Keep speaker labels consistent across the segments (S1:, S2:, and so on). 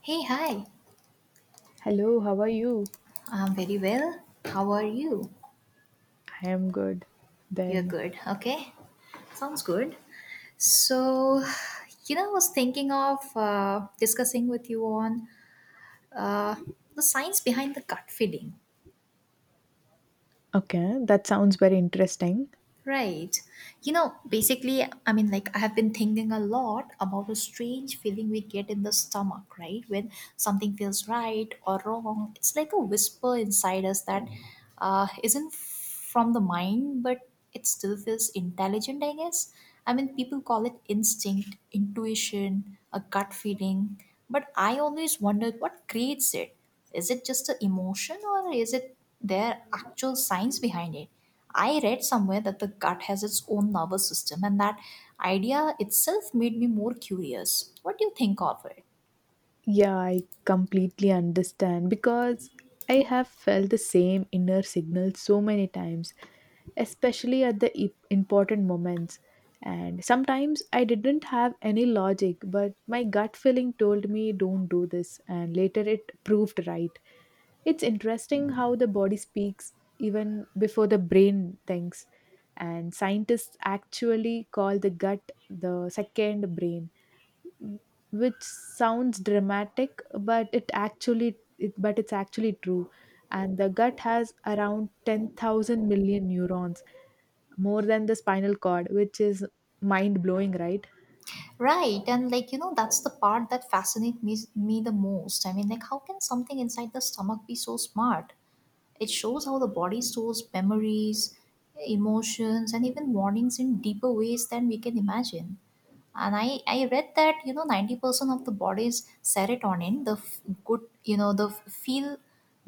S1: Hey, hi.
S2: Hello, how are you?
S1: I'm very well. How are you?
S2: I am good.
S1: You're
S2: Then,
S1: good. Okay. Sounds good. So, you know, I was thinking of discussing with you on uh, the science behind the gut feeling.
S2: okay, that sounds very interesting.
S1: Right. You know, basically, I mean, like, I have been thinking a lot about a strange feeling we get in the stomach, right? When something feels right or wrong, it's like a whisper inside us that isn't from the mind, but it still feels intelligent, I guess. I mean, people call it instinct, intuition, a gut feeling, but I always wondered what creates it. Is it just an emotion or is it there actual science behind it? I read somewhere that the gut has its own nervous system, and that idea itself made me more curious. What do you think of it?
S2: Yeah, I completely understand because I have felt the same inner signal so many times, especially at the important moments. And sometimes I didn't have any logic, but my gut feeling told me don't do this, and later it proved right. It's interesting how the body speaks even before the brain thinks, and scientists actually call the gut the second brain, which sounds dramatic but it's actually true. And the gut has around 10,000 million neurons, more than the spinal cord, which is mind blowing, right?
S1: Right, and like you know, that's the part that fascinates me the most. I mean, like, how can something inside the stomach be so smart? It shows how the body stores memories, emotions, and even warnings in deeper ways than we can imagine. And I read that you know 90% of the body's serotonin, the f- good you know the f- feel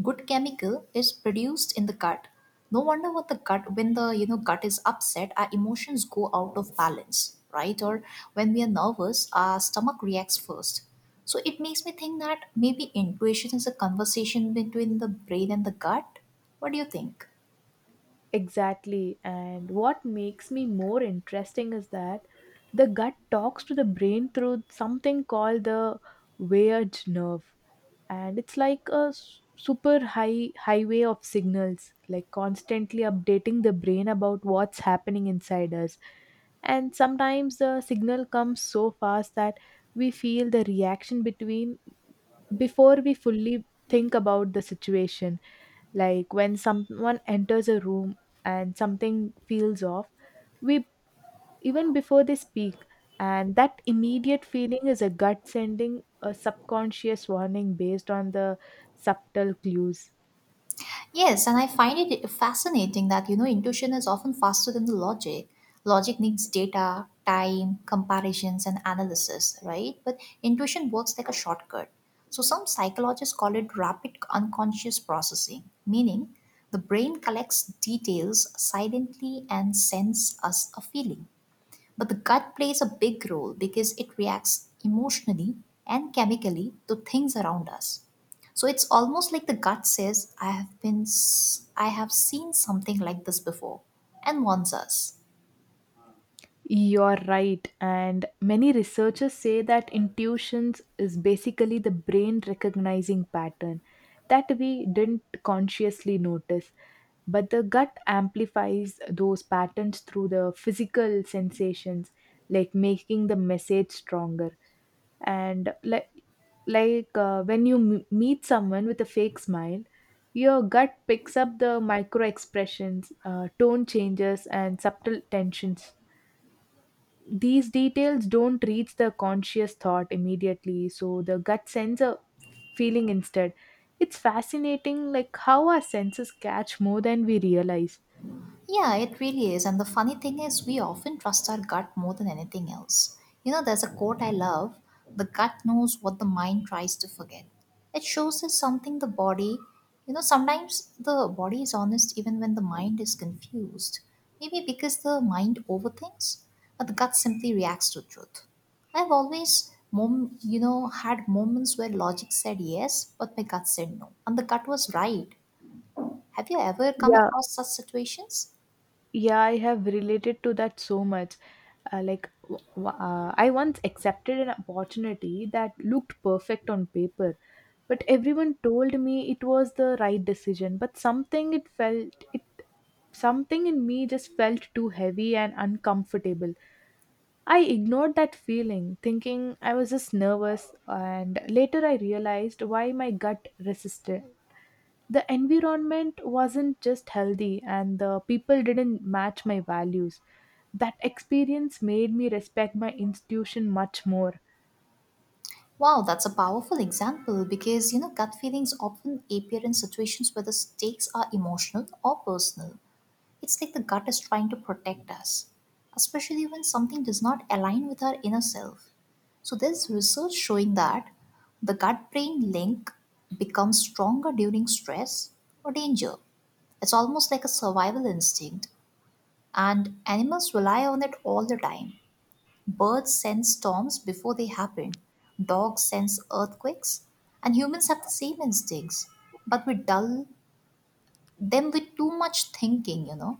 S1: good chemical, is produced in the gut. No wonder, what the gut when the gut is upset, our emotions go out of balance, right? Or when we are nervous, our stomach reacts first. So it makes me think that maybe intuition is a conversation between the brain and the gut. What do you think?
S2: Exactly. And what makes me more interesting is that the gut talks to the brain through something called the vagus nerve. And it's like a super highway of signals, like constantly updating the brain about what's happening inside us. And sometimes the signal comes so fast that we feel the reaction between before we fully think about the situation, like when someone enters a room and something feels off, we, even before they speak. And that immediate feeling is a gut sending a subconscious warning based on the subtle clues.
S1: Yes, and I find it fascinating that intuition is often faster than the logic. Logic needs data, time, comparisons, and analysis, right? But intuition works like a shortcut. So some psychologists call it rapid unconscious processing, meaning the brain collects details silently and sends us a feeling. But the gut plays a big role because it reacts emotionally and chemically to things around us. So it's almost like the gut says, I have I have seen something like this before and warns us.
S2: You're right. And many researchers say that intuitions is basically the brain recognizing pattern that we didn't consciously notice. But the gut amplifies those patterns through the physical sensations, like making the message stronger. And like When you meet someone with a fake smile, your gut picks up the micro expressions, tone changes, and subtle tensions. These details don't reach the conscious thought immediately, so the gut sends a feeling instead. It's fascinating like how our senses catch more than we realize.
S1: Yeah, it really is. And the funny thing is, we often trust our gut more than anything else. There's a quote I love: the gut knows what the mind tries to forget. It shows us something the body, sometimes the body is honest even when the mind is confused. Maybe because the mind overthinks, but the gut simply reacts to truth. I've always, had moments where logic said yes, but my gut said no. And the gut was right. Have you ever come
S2: Yeah,
S1: across such situations?
S2: yeah I have related to that so much. Like I once accepted an opportunity that looked perfect on paper. But everyone told me it was the right decision, but something in me just felt too heavy and uncomfortable. I ignored that feeling thinking I was just nervous, and later I realized why my gut resisted. The environment wasn't just healthy and the people didn't match my values. That experience made me respect my institution much more.
S1: Wow, that's a powerful example because gut feelings often appear in situations where the stakes are emotional or personal. It's like the gut is trying to protect us, especially when something does not align with our inner self. So there's research showing that the gut-brain link becomes stronger during stress or danger. It's almost like a survival instinct, and animals rely on it all the time. Birds sense storms before they happen, dogs sense earthquakes, and humans have the same instincts, but we dull them with too much thinking.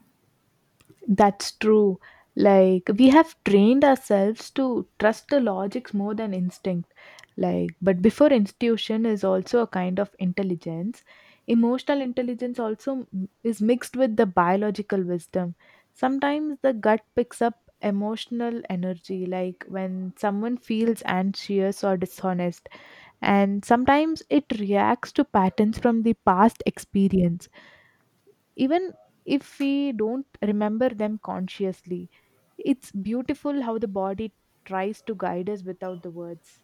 S2: That's true. Like we have trained ourselves to trust the logics more than instinct. Like, but before, institution is also a kind of intelligence. Emotional intelligence also is mixed with the biological wisdom. Sometimes the gut picks up emotional energy, like when someone feels anxious or dishonest, and sometimes it reacts to patterns from the past experience, even if we don't remember them consciously. It's beautiful how the body tries to guide us without the words.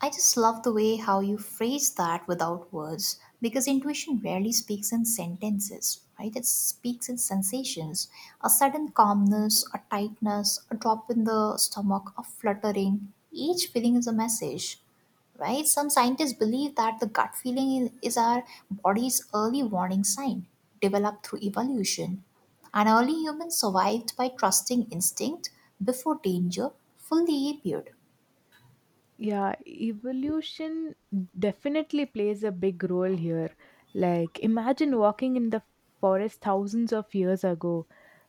S1: I just love the way how you phrase that without words, because intuition rarely speaks in sentences, right? It speaks in sensations: a sudden calmness, a tightness, a drop in the stomach, a fluttering. Each feeling is a message, right? Some scientists believe that the gut feeling is our body's early warning sign, developed through evolution. And early humans survived by trusting instinct before danger fully appeared.
S2: Yeah, evolution definitely plays a big role here. Like imagine walking in the forest thousands of years ago,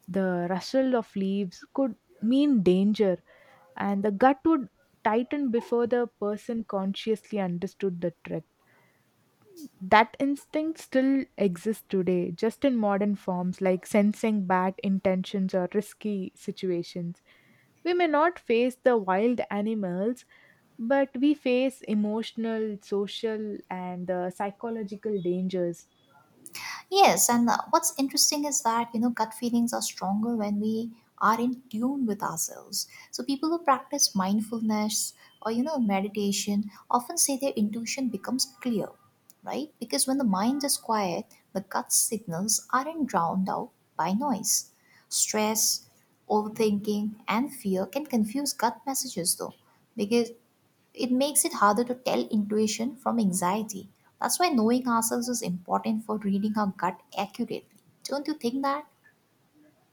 S2: the rustle of leaves could mean danger, and the gut would tighten before the person consciously understood the trick. That instinct still exists today, just in modern forms like sensing bad intentions or risky situations. We may not face the wild animals, but we face emotional, social, and psychological dangers.
S1: Yes, and what's interesting is that gut feelings are stronger when we are in tune with ourselves. So people who practice mindfulness or meditation often say their intuition becomes clear, right? Because when the mind is quiet, the gut signals aren't drowned out by noise. Stress, overthinking, and fear can confuse gut messages though, because it makes it harder to tell intuition from anxiety. That's why knowing ourselves is important for reading our gut accurately. Don't you think that?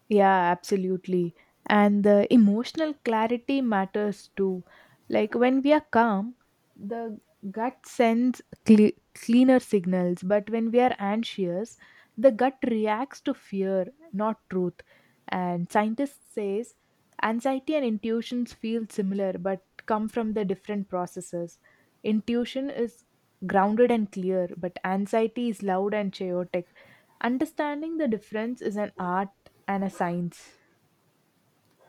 S2: Yeah, absolutely. And the emotional clarity matters too. Like when we are calm, the gut sends cleaner signals, but when we are anxious, the gut reacts to fear, not truth. And scientists says anxiety and intuitions feel similar but come from the different processes. Intuition is grounded and clear, but anxiety is loud and chaotic. Understanding the difference is an art and a science.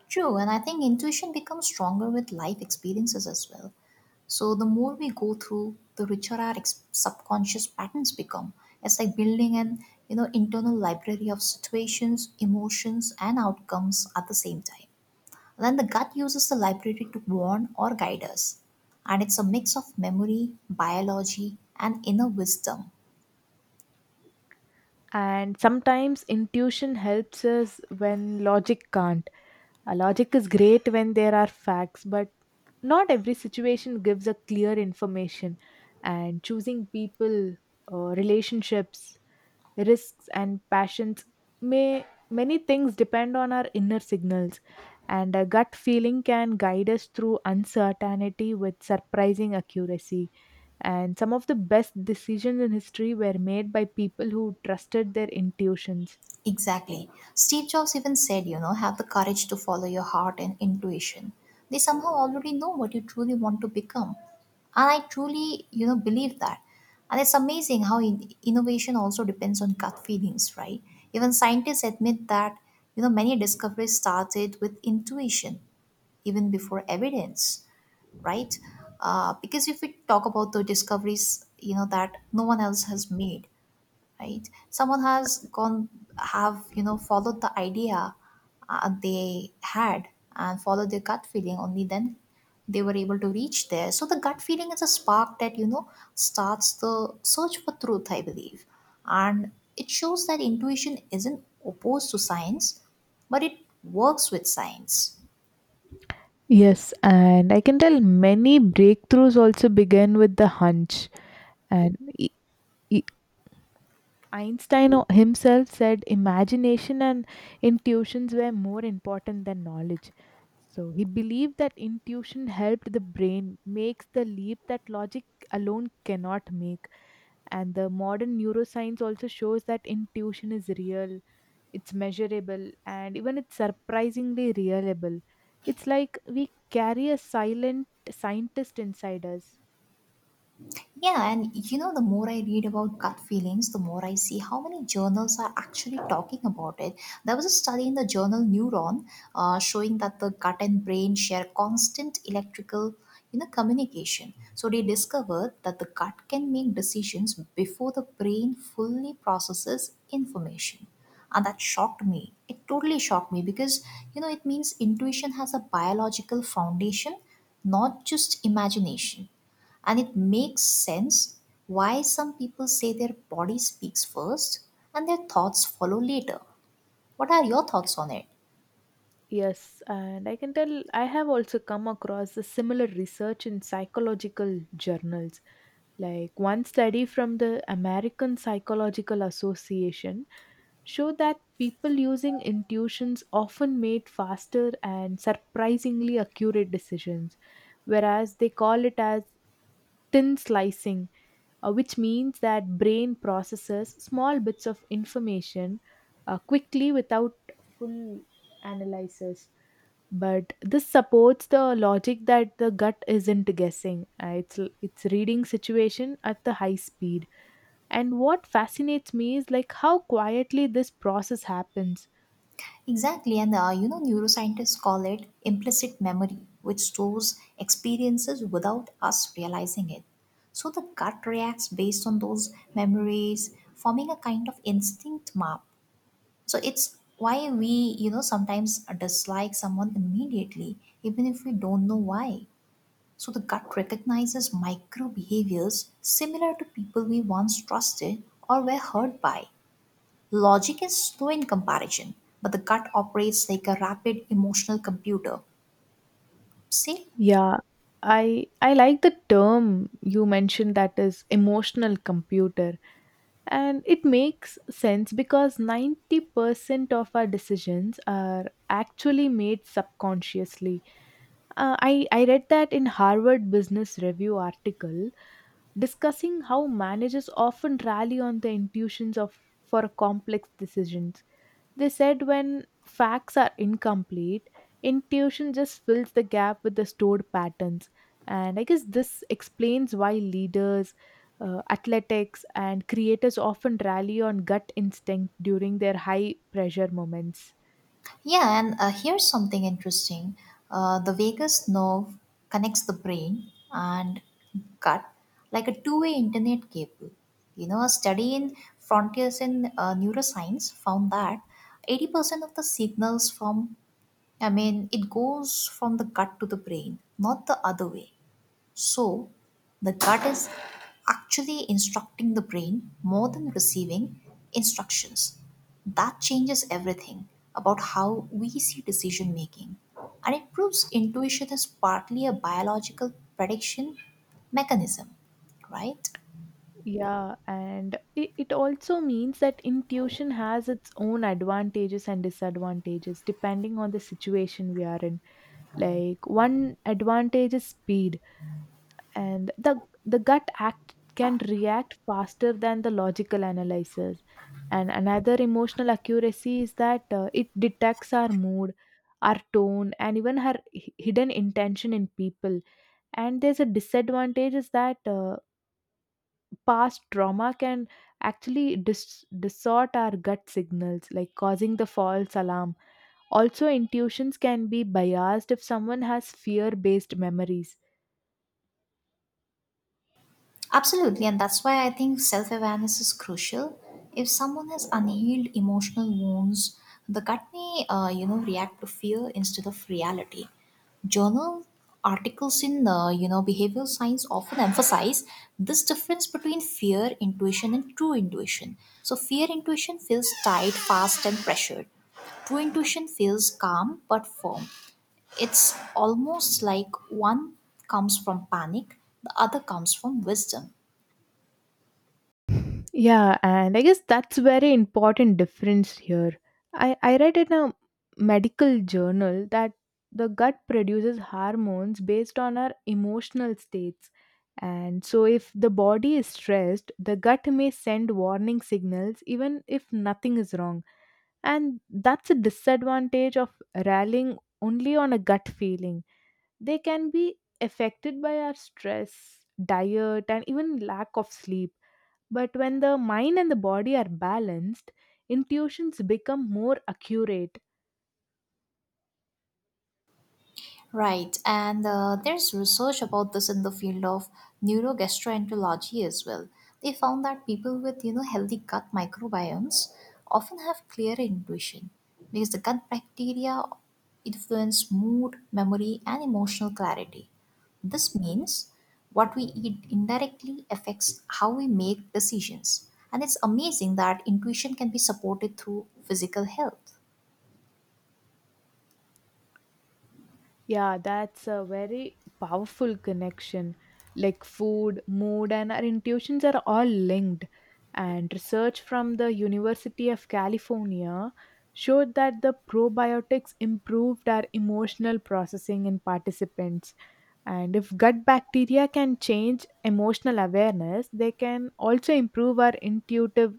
S1: True, and I think intuition becomes stronger with life experiences as well. So the more we go through, the richer our subconscious patterns become. It's like building an internal library of situations, emotions, and outcomes at the same time. Then the gut uses the library to warn or guide us. And it's a mix of memory, biology, and inner wisdom.
S2: And sometimes intuition helps us when logic can't. Logic is great when there are facts, but not every situation gives a clear information. And choosing people, relationships, risks, and passions, may many things depend on our inner signals. And a gut feeling can guide us through uncertainty with surprising accuracy. And some of the best decisions in history were made by people who trusted their intuitions.
S1: Exactly. Steve Jobs even said, have the courage to follow your heart and intuition. They somehow already know what you truly want to become. And I truly, believe that. And it's amazing how innovation also depends on gut feelings, right? Even scientists admit that, many discoveries started with intuition even before evidence. Right? Because if we talk about the discoveries, that no one else has made, right? Someone has gone, have, followed the idea they had and followed their gut feeling, only then they were able to reach there. So the gut feeling is a spark that, starts the search for truth, I believe. And it shows that intuition isn't opposed to science, but it works with science.
S2: Yes, and I can tell many breakthroughs also began with the hunch. And e- Einstein himself said imagination and intuitions were more important than knowledge. So he believed that intuition helped the brain makes the leap that logic alone cannot make. And the modern neuroscience also shows that intuition is real. It's measurable and even it's surprisingly reliable. It's like we carry a silent scientist inside us.
S1: Yeah, and the more I read about gut feelings, the more I see how many journals are actually talking about it. There was a study in the journal Neuron showing that the gut and brain share constant electrical, communication. So they discovered that the gut can make decisions before the brain fully processes information. And that shocked me. It totally shocked me because, it means intuition has a biological foundation, not just imagination. And it makes sense why some people say their body speaks first and their thoughts follow later. What are your thoughts on it?
S2: Yes, and I can tell I have also come across a similar research in psychological journals. Like one study from the American Psychological Association showed that people using intuitions often made faster and surprisingly accurate decisions, whereas they call it as thin slicing, which means that brain processes small bits of information quickly without full analysis. But this supports the logic that the gut isn't guessing. It's reading situation at the high speed. And what fascinates me is like how quietly this process happens.
S1: Exactly, and neuroscientists call it implicit memory, which stores experiences without us realizing it. So the gut reacts based on those memories, forming a kind of instinct map. So it's why we, sometimes dislike someone immediately, even if we don't know why. So the gut recognizes micro behaviors similar to people we once trusted or were hurt by. Logic is slow in comparison, but the gut operates like a rapid emotional computer. See?
S2: Yeah, i I like the term you mentioned, that is emotional computer. And it makes sense because 90% of our decisions are actually made subconsciously. Uh, I read that in harvard business review article discussing how managers often rally on the intuitions of for complex decisions. They said when facts are incomplete, intuition just fills the gap with the stored patterns. And I guess this explains why leaders, athletics, and creators often rally on gut instinct during their high pressure moments.
S1: Yeah, and here's something interesting. The vagus nerve connects the brain and gut like a two-way internet cable. A study in Frontiers in Neuroscience found that 80% of the signals from, I mean, it goes from the gut to the brain, not the other way. So, the gut is actually instructing the brain more than receiving instructions. That changes everything about how we see decision making. And it proves intuition is partly a biological prediction mechanism, right?
S2: Yeah, and it also means that intuition has its own advantages and disadvantages depending on the situation we are in. Like, one advantage is speed, and the gut act can react faster than the logical analysis. And another, emotional accuracy, is that it detects our mood, our tone, and even her hidden intention in people. And there's a disadvantage is that, past trauma can actually distort our gut signals, like causing the false alarm. Also intuitions can be biased if someone has fear based memories.
S1: Absolutely, and that's why I think self awareness is crucial. If someone has unhealed emotional wounds, the gut may, react to fear instead of reality. Journal articles in, behavioral science often emphasize this difference between fear intuition and true intuition. So, fear intuition feels tight, fast, and pressured. True intuition feels calm but firm. It's almost like one comes from panic, the other comes from wisdom.
S2: Yeah, and I guess that's very important difference here. I read in a medical journal that the gut produces hormones based on our emotional states. And so if the body is stressed, the gut may send warning signals even if nothing is wrong. And that's a disadvantage of rallying only on a gut feeling. They can be affected by our stress, diet, and even lack of sleep. But when the mind and the body are balanced, intuitions become more accurate.
S1: Right, and there's research about this in the field of neurogastroenterology as well. They found that people with healthy gut microbiomes often have clearer intuition because the gut bacteria influence mood, memory, and emotional clarity. This means what we eat indirectly affects how we make decisions, and it's amazing that intuition can be supported through physical health.
S2: Yeah, that's a very powerful connection. Like food, mood, and our intuitions are all linked. And research from the University of California showed that the probiotics improved our emotional processing in participants. And if gut bacteria can change emotional awareness, they can also improve our intuitive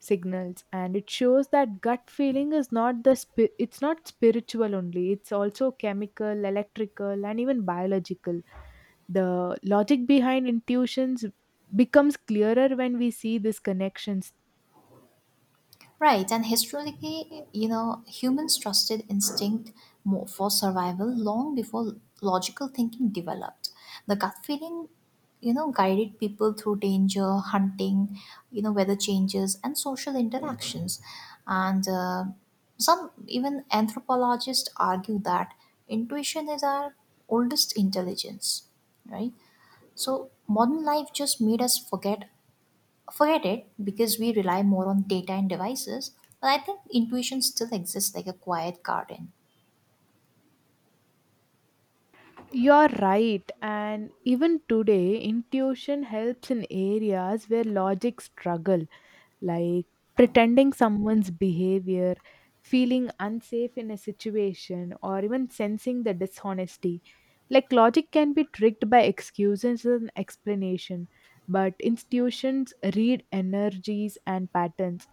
S2: signals. And it shows that gut feeling is not the it's not spiritual only, it's also chemical, electrical, and even biological. The logic behind intuitions becomes clearer when we see these connections.
S1: Right, and historically, humans trusted instinct more for survival long before logical thinking developed. The gut feeling, guided people through danger, hunting, weather changes, and social interactions. And some even anthropologists argue that intuition is our oldest intelligence, right? So modern life just made us forget it because we rely more on data and devices, but I think intuition still exists like a quiet garden.
S2: You're right, and even today intuition helps in areas where logic struggle, like pretending someone's behavior, feeling unsafe in a situation, or even sensing the dishonesty. Like logic can be tricked by excuses and explanation, but institutions read energies and patterns.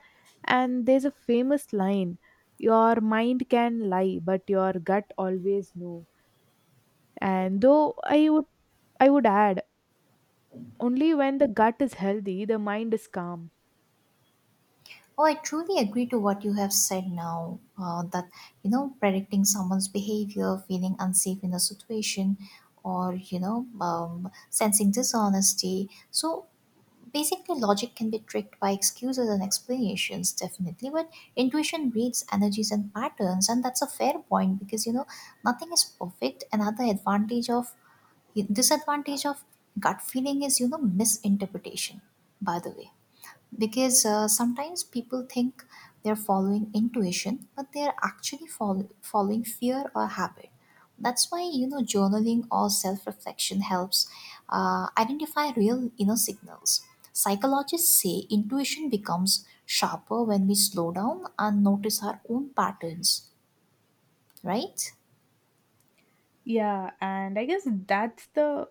S2: And there's a famous line, your mind can lie, but your gut always know. And though I would add, only when the gut is healthy, the mind is calm.
S1: Oh, I truly agree to what you have said now that, predicting someone's behavior, feeling unsafe in a situation, or, sensing dishonesty. So basically, logic can be tricked by excuses and explanations, definitely, but intuition reads energies and patterns, and that's a fair point because, nothing is perfect. Another advantage of disadvantage of gut feeling is misinterpretation, by the way, because sometimes people think they're following intuition but they're actually following fear or habit. That's why journaling or self-reflection helps identify real inner signals. Psychologists say intuition becomes sharper when we slow down and notice our own patterns, right?
S2: Yeah, and I guess that's the,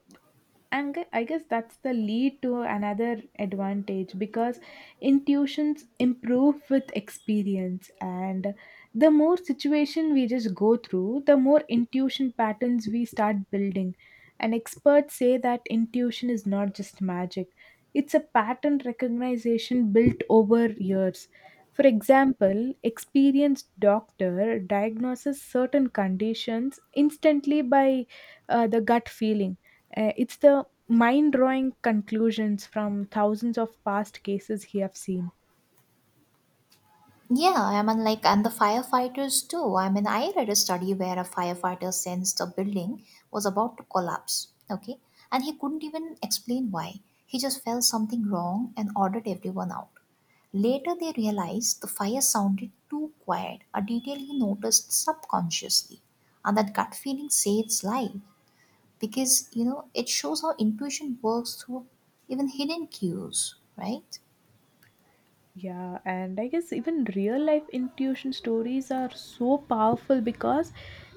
S2: I guess that's the lead to another advantage, because intuitions improve with experience. And the more situation we just go through, the more intuition patterns we start building. And experts say that intuition is not just magic, it's a pattern recognition built over years. For example, experienced doctor diagnoses certain conditions instantly by, the gut feeling. It's the mind drawing conclusions from thousands of past cases he have seen.
S1: Yeah, I mean, like, and the firefighters too. I mean, I read a study where a firefighter sensed the building was about to collapse, okay? And he couldn't even explain why. He just felt something wrong and ordered everyone out. Later, they realized the fire sounded too quiet, a detail he noticed subconsciously. And that gut feeling saves life because it shows how intuition works through even hidden cues, right?
S2: Yeah, and I guess even real life intuition stories are so powerful, because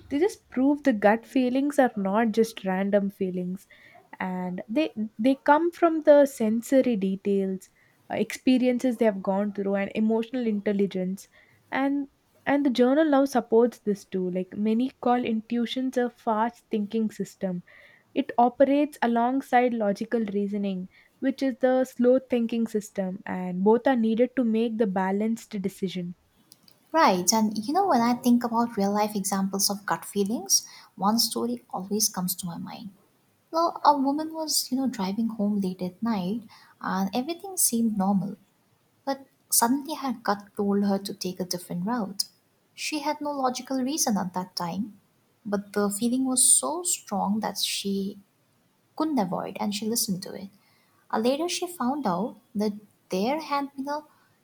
S2: they just prove the gut feelings are not just random feelings. And they come from the sensory details, experiences they have gone through, and emotional intelligence. and and the journal now supports this too. Like many call intuitions a fast thinking system. It operates alongside logical reasoning, which is the slow thinking system, and both are needed to make the balanced decision.
S1: Right, and when I think about real life examples of gut feelings, one story always comes to my mind. Well, a woman was, driving home late at night and everything seemed normal, but suddenly her gut told her to take a different route. She had no logical reason at that time, but the feeling was so strong that she couldn't avoid, and she listened to it. Later, she found out that there had been a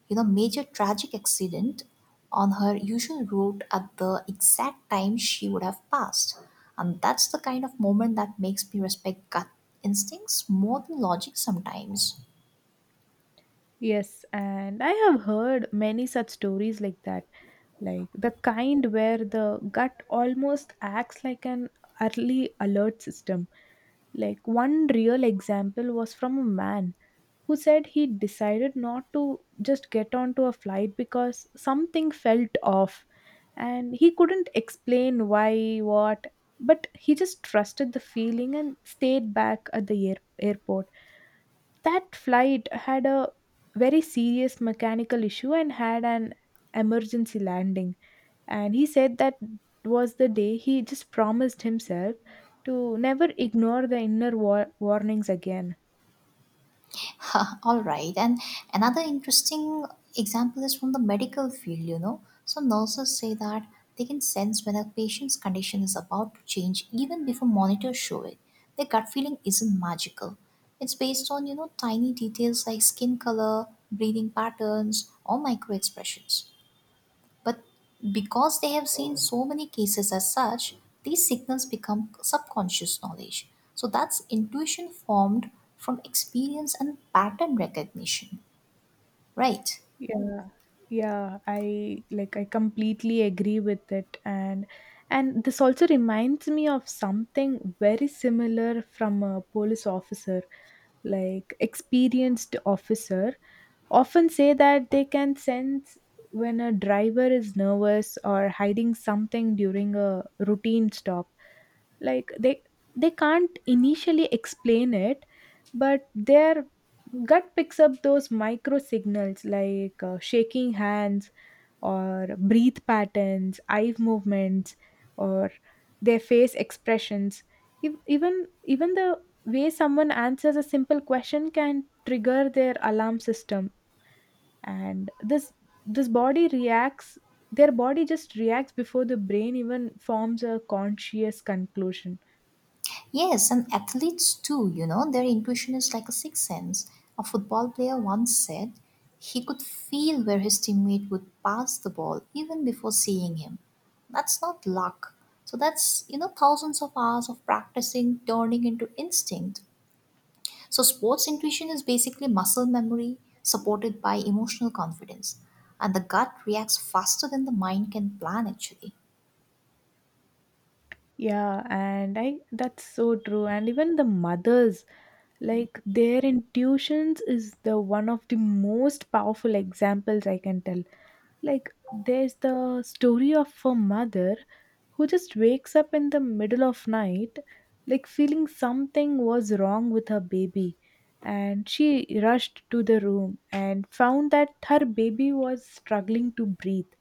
S1: major tragic accident on her usual route at the exact time she would have passed, and that's the kind of moment that makes me respect gut instincts more than logic sometimes.
S2: Yes, and I have heard many such stories like that, like the kind where the gut almost acts like an early alert system. Like one real example was from a man who said he decided not to just get onto a flight because something felt off and he couldn't explain why, what, but he just trusted the feeling and stayed back at the airport. That flight had a very serious mechanical issue and had an emergency landing, and he said that was the day he just promised himself to never ignore the inner warnings again.
S1: All right. And another interesting example is from the medical field, you know. So nurses say that they can sense when a patient's condition is about to change even before monitors show it. Their gut feeling isn't magical. It's based on, tiny details like skin color, breathing patterns, or micro expressions. But because they have seen so many cases as such, these signals become subconscious knowledge. So that's intuition formed from experience and pattern recognition, right?
S2: Yeah, yeah, I completely agree with it, and this also reminds me of something very similar from a police officer, like experienced officer often say that they can sense when a driver is nervous or hiding something during a routine stop. Like they can't initially explain it, but their gut picks up those micro signals like shaking hands or breathe patterns, eye movements, or their face expressions. Even the way someone answers a simple question can trigger their alarm system, and this body reacts, their body just reacts before the brain even forms a conscious conclusion.
S1: Yes, and athletes too, you know, their intuition is like a sixth sense. A football player once said he could feel where his teammate would pass the ball even before seeing him. That's not luck. So that's, thousands of hours of practicing turning into instinct. So sports intuition is basically muscle memory supported by emotional confidence, and the gut reacts faster than the mind can plan actually.
S2: Yeah and i that's so true, and even the mothers, like their intuitions is the one of the most powerful examples I can tell. Like there's the story of a mother who just wakes up in the middle of night, like feeling something was wrong with her baby, and she rushed to the room and found that her baby was struggling to breathe,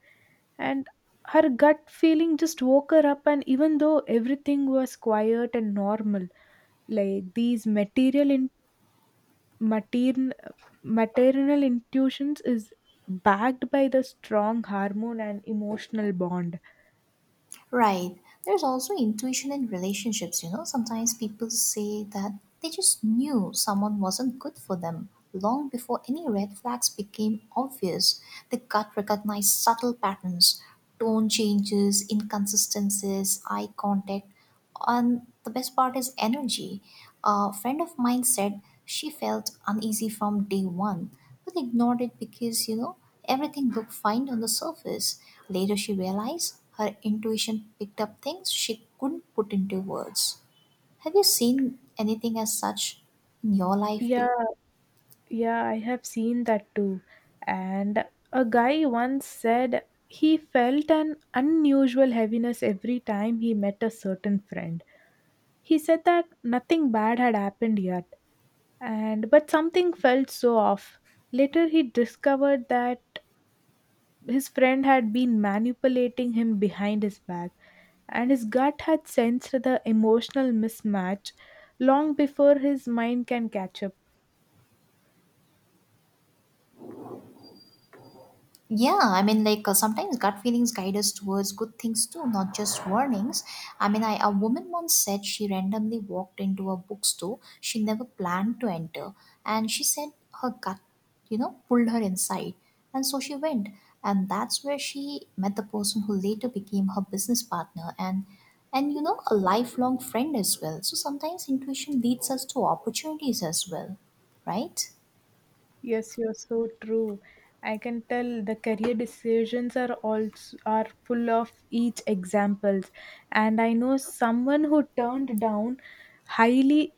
S2: and her gut feeling just woke her up. And even though everything was quiet and normal, like these matern, maternal intuitions is backed by the strong hormone and emotional bond.
S1: Right. There's also intuition in relationships, you know. Sometimes people say that they just knew someone wasn't good for them long before any red flags became obvious. The gut recognized subtle patterns, tone changes, inconsistencies, eye contact, and the best part is energy. A friend of mine said she felt uneasy from day one, but ignored it because, everything looked fine on the surface. Later, she realized her intuition picked up things she couldn't put into words. Have you seen anything as such in your life,
S2: Yeah.
S1: too?
S2: Yeah, I have seen that too. And a guy once said he felt an unusual heaviness every time he met a certain friend. He said that nothing bad had happened yet, and but something felt so off. Later he discovered that his friend had been manipulating him behind his back, and his gut had sensed the emotional mismatch long before his mind can catch up.
S1: Yeah, I mean, like sometimes gut feelings guide us towards good things too, not just warnings. I mean, I, a woman once said she randomly walked into a bookstore she never planned to enter, and she said her gut, pulled her inside, and so she went, and that's where she met the person who later became her business partner, and you know, a lifelong friend as well. So sometimes intuition leads us to opportunities as well, right?
S2: Yes, you're so true. I can tell the career decisions are also are full of each examples. And I know someone who highly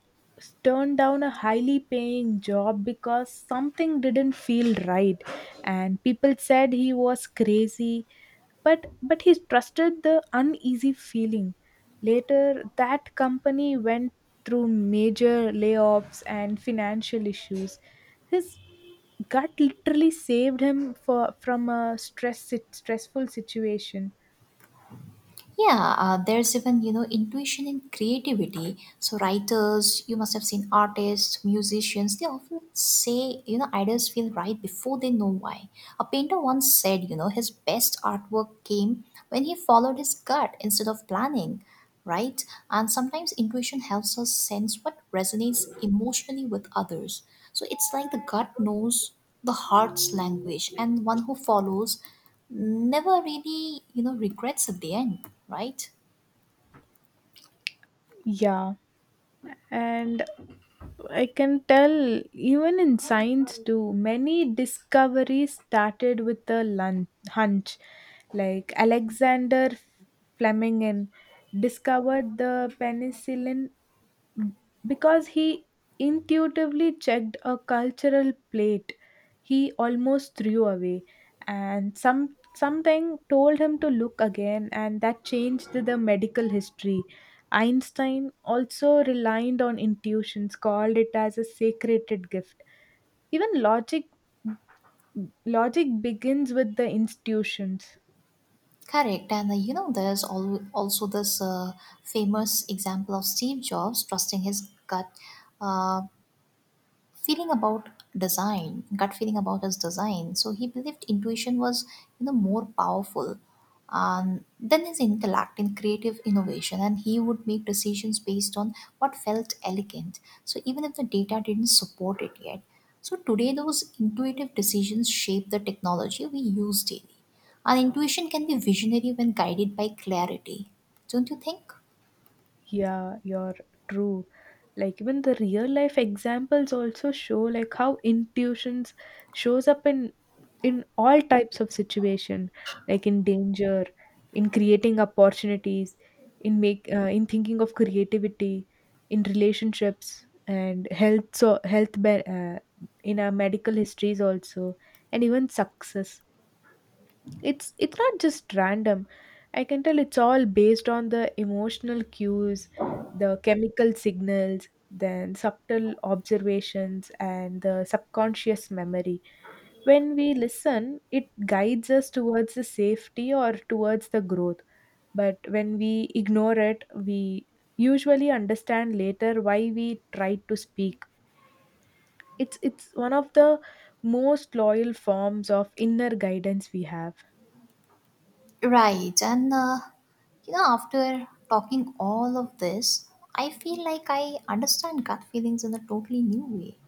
S2: turned down a highly paying job because something didn't feel right, and people said he was crazy, but he trusted the uneasy feeling. Later that company went through major layoffs and financial issues. His gut literally saved him for from a stressful situation.
S1: Yeah, there's even, you know, intuition and creativity. So, writers, you must have seen artists, musicians, they often say, you know, ideas feel right before they know why. A painter once said, his best artwork came when he followed his gut instead of planning, right? And sometimes intuition helps us sense what resonates emotionally with others. So it's like the gut knows the heart's language, and one who follows never really, regrets at the end, right?
S2: Yeah, and I can tell even in science too, many discoveries started with a hunch. Like Alexander Fleming discovered the penicillin B- because he intuitively checked a cultural plate he almost threw away, and something told him to look again, and that changed the medical history. Einstein also relied on intuitions, called it as a sacred gift. Even logic begins with the institutions.
S1: Correct. And you know, there's also this famous example of Steve Jobs trusting his gut. Uh, feeling about design, gut feeling about his design. So he believed intuition was, you know, more powerful than his intellect in creative innovation, and he would make decisions based on what felt elegant, so even if the data didn't support it yet. So today, those intuitive decisions shape the technology we use daily. And intuition can be visionary when guided by clarity, don't you think?
S2: Yeah, you're true. Like even the real life examples also show like how intuitions shows up in all types of situation, like in danger, in creating opportunities, in make in thinking of creativity, in relationships and health. So in our medical histories also, and even success. It's not just random. I can tell it's all based on the emotional cues, the chemical signals, then subtle observations and the subconscious memory. When we listen, it guides us towards the safety or towards the growth, but when we ignore it, we usually understand later why we tried to speak. It's one of the most loyal forms of inner guidance we have.
S1: Right, and you know, after talking all of this, I feel like I understand gut feelings in a totally new way.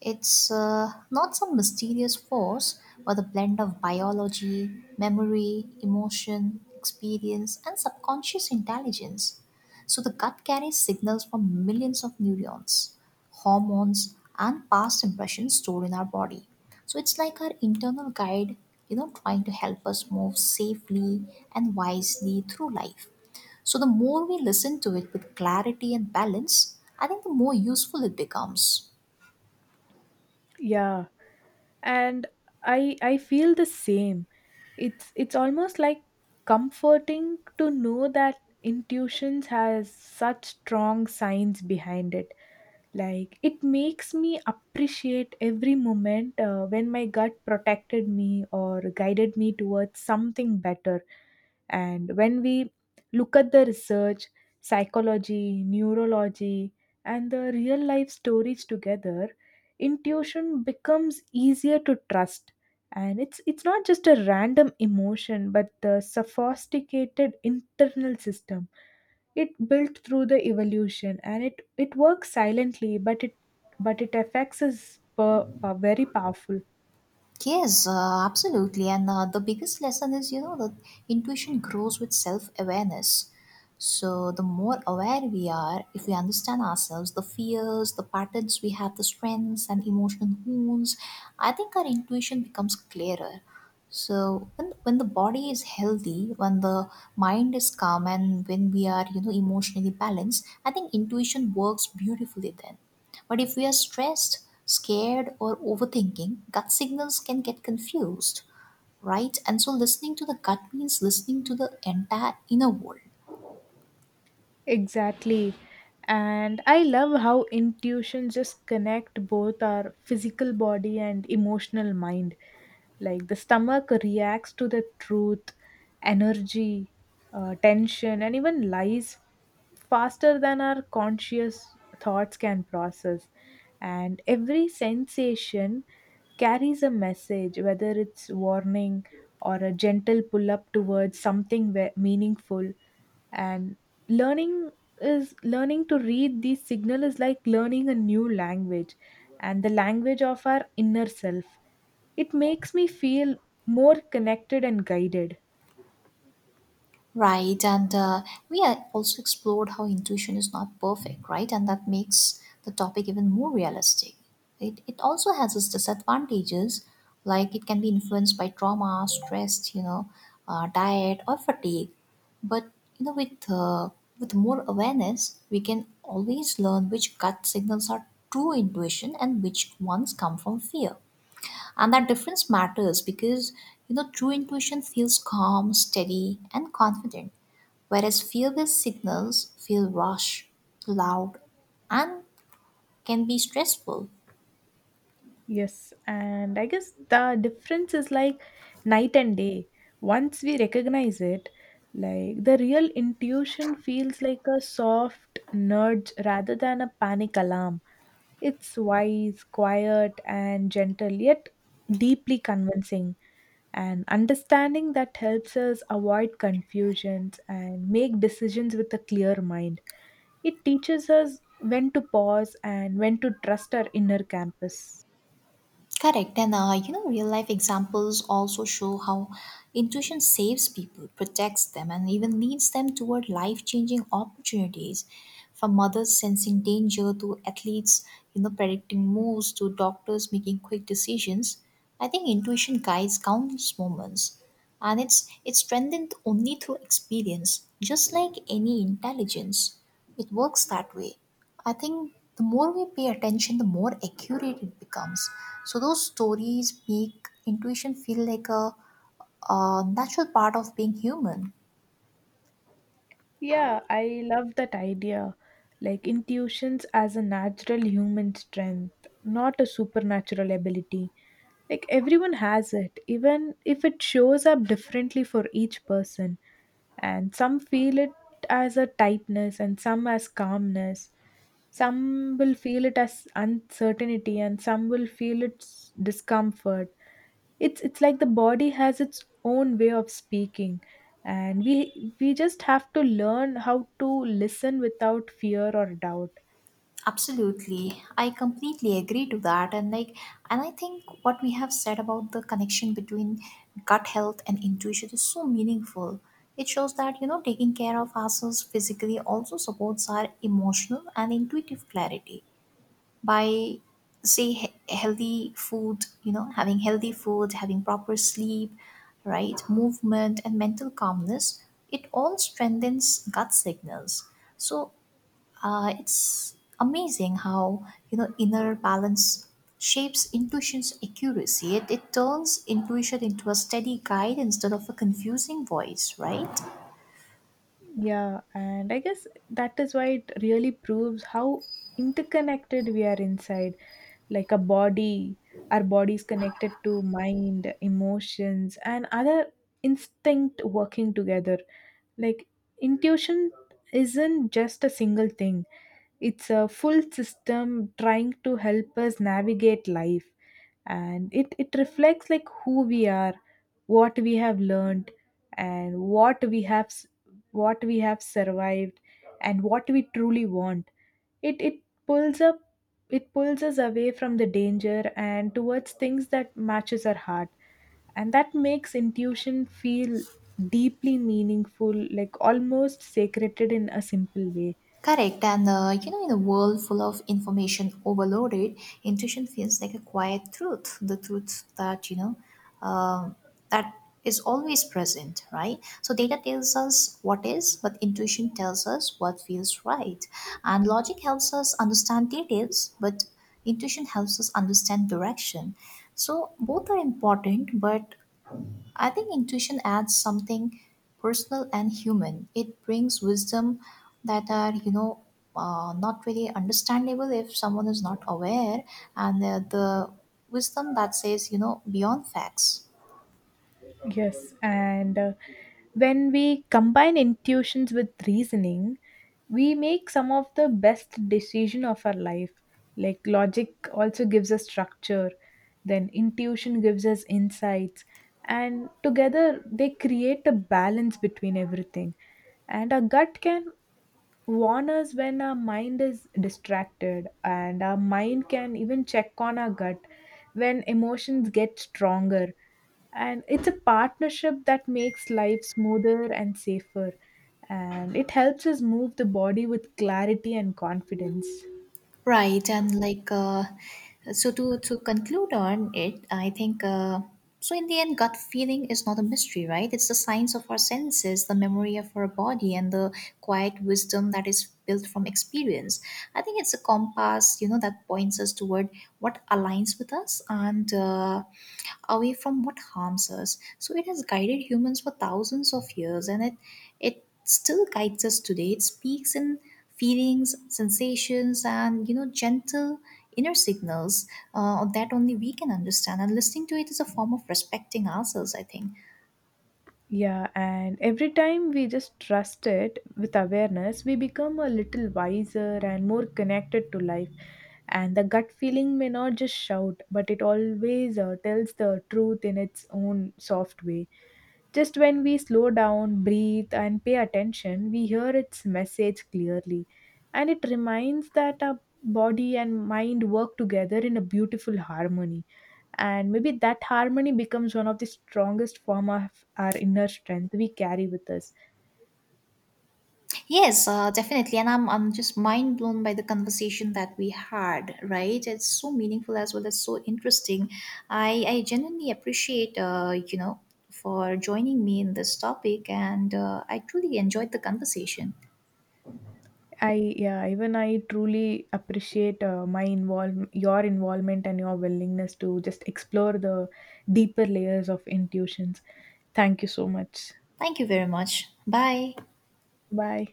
S1: It's not some mysterious force, but a blend of biology, memory, emotion, experience, and subconscious intelligence. So the gut carries signals from millions of neurons, hormones, and past impressions stored in our body. So it's like our internal guide, trying to help us move safely and wisely through life. So the more we listen to it with clarity and balance, I think the more useful it becomes.
S2: Yeah, and I feel the same. It's almost like comforting to know that intuitions has such strong science behind it. Like it makes me appreciate every moment when my gut protected me or guided me towards something better. And when we look at the research, psychology, neurology, and the real life stories together, intuition becomes easier to trust. And it's not just a random emotion, but the sophisticated internal system it built through the evolution. And it works silently, but it affects us very powerful.
S1: Yes, absolutely. And the biggest lesson is, that intuition grows with self awareness. So, the more aware we are, if we understand ourselves, the fears, the patterns we have, the strengths and emotional wounds, I think our intuition becomes clearer. So, when the body is healthy, when the mind is calm, and when we are, emotionally balanced, I think intuition works beautifully then. But if we are stressed, scared, or overthinking, gut signals can get confused, right? And so listening to the gut means listening to the entire inner world.
S2: Exactly, and I love how intuition just connect both our physical body and emotional mind. Like the stomach reacts to the truth, energy, tension, and even lies faster than our conscious thoughts can process. And every sensation carries a message, whether it's warning or a gentle pull up towards something meaningful. And learning learning to read these signal is like learning a new language, and the language of our inner self. It makes me feel more connected and guided.
S1: Right, and we also explored how intuition is not perfect, right? And that makes the topic even more realistic. It also has its disadvantages, like it can be influenced by trauma, stress, you know, diet, or fatigue. But you know, with more awareness, we can always learn which gut signals are true intuition and which ones come from fear. And that difference matters because true intuition feels calm, steady, and confident, whereas fear-based signals feel rush, loud, and can be stressful.
S2: Yes, and I guess the difference is like night and day. Once we recognize it, like the real intuition feels like a soft nudge rather than a panic alarm. It's wise, quiet, and gentle, yet deeply convincing. And understanding that helps us avoid confusions and make decisions with a clear mind. It teaches us when to pause and when to trust our inner compass.
S1: Correct, and you know, real life examples also show how intuition saves people, protects them, and even leads them toward life changing opportunities. From mothers sensing danger to athletes, predicting moves to doctors making quick decisions, I think intuition guides countless moments, and it's strengthened only through experience, just like any intelligence. It works that way. I think the more we pay attention, the more accurate it becomes. So those stories make intuition feel like a natural part of being human.
S2: Yeah, I love that idea. Like intuitions as a natural human strength, not a supernatural ability. Like everyone has it, even if it shows up differently for each person. And some feel it as a tightness, and some as calmness. Some will feel it as uncertainty, and some will feel its discomfort. It's like the body has its own way of speaking, and we just have to learn how to listen without fear or doubt.
S1: Absolutely, I completely agree to that, and I think what we have said about the connection between gut health and intuition is so meaningful. It shows that you know taking care of ourselves physically also supports our emotional and intuitive clarity, by healthy food, you know, having healthy food, having proper sleep, right movement and mental calmness. It all strengthens gut signals. So it's amazing how, you know, inner balance shapes intuition's accuracy. It turns intuition into a steady guide instead of a confusing voice, right?
S2: Yeah, and I guess that is why it really proves how interconnected we are inside. Like a body our body is connected to mind, emotions, and other instinct working together. Like intuition isn't just a single thing. It's a full system trying to help us navigate life, and it reflects like who we are, what we have learned, and what what we have survived, and what we truly want. It it pulls up it pulls us away from the danger and towards things that matches our heart, and that makes intuition feel deeply meaningful, like almost sacred in a simple way.
S1: Correct, and you know, in a world full of information overloaded, intuition feels like a quiet truth, the truth that um that is always present, right? So data tells us what is, but intuition tells us what feels right, and logic helps us understand details, but intuition helps us understand direction. So both are important, but I think intuition adds something personal and human. It brings wisdom that are, not really understandable if someone is not aware, and the wisdom that says, beyond facts.
S2: Yes, and when we combine intuitions with reasoning, we make some of the best decision of our life. Like logic also gives us structure, then intuition gives us insights, and together they create a balance between everything. And our gut can warn us when our mind is distracted, and our mind can even check on our gut when emotions get stronger. And it's a partnership that makes life smoother and safer, and it helps us move the body with clarity and confidence.
S1: Right, and like so to conclude on it, I think In the end, gut feeling is not a mystery, right? It's the science of our senses, the memory of our body, and the quiet wisdom that is built from experience. I think it's a compass, that points us toward what aligns with us and away from what harms us. So it has guided humans for thousands of years, and it still guides us today. It speaks in feelings, sensations, and gentle inner signals that only we can understand. And listening to it is a form of respecting ourselves, I think.
S2: Yeah, and every time we just trust it with awareness, we become a little wiser and more connected to life. And the gut feeling may not just shout, but it always tells the truth in its own soft way. Just when we slow down, breathe, and pay attention, we hear its message clearly. And it reminds that our body and mind work together in a beautiful harmony, and maybe that harmony becomes one of the strongest form of our inner strength we carry with us.
S1: Yes, definitely. And I'm just mind blown by the conversation that we had, right? It's so meaningful as well as so interesting. I genuinely appreciate, for joining me in this topic, and I truly enjoyed the conversation.
S2: I Yeah, even I truly appreciate my involve your involvement and your willingness to just explore the deeper layers of intuitions. Thank you so much.
S1: Thank you very much. Bye.
S2: Bye.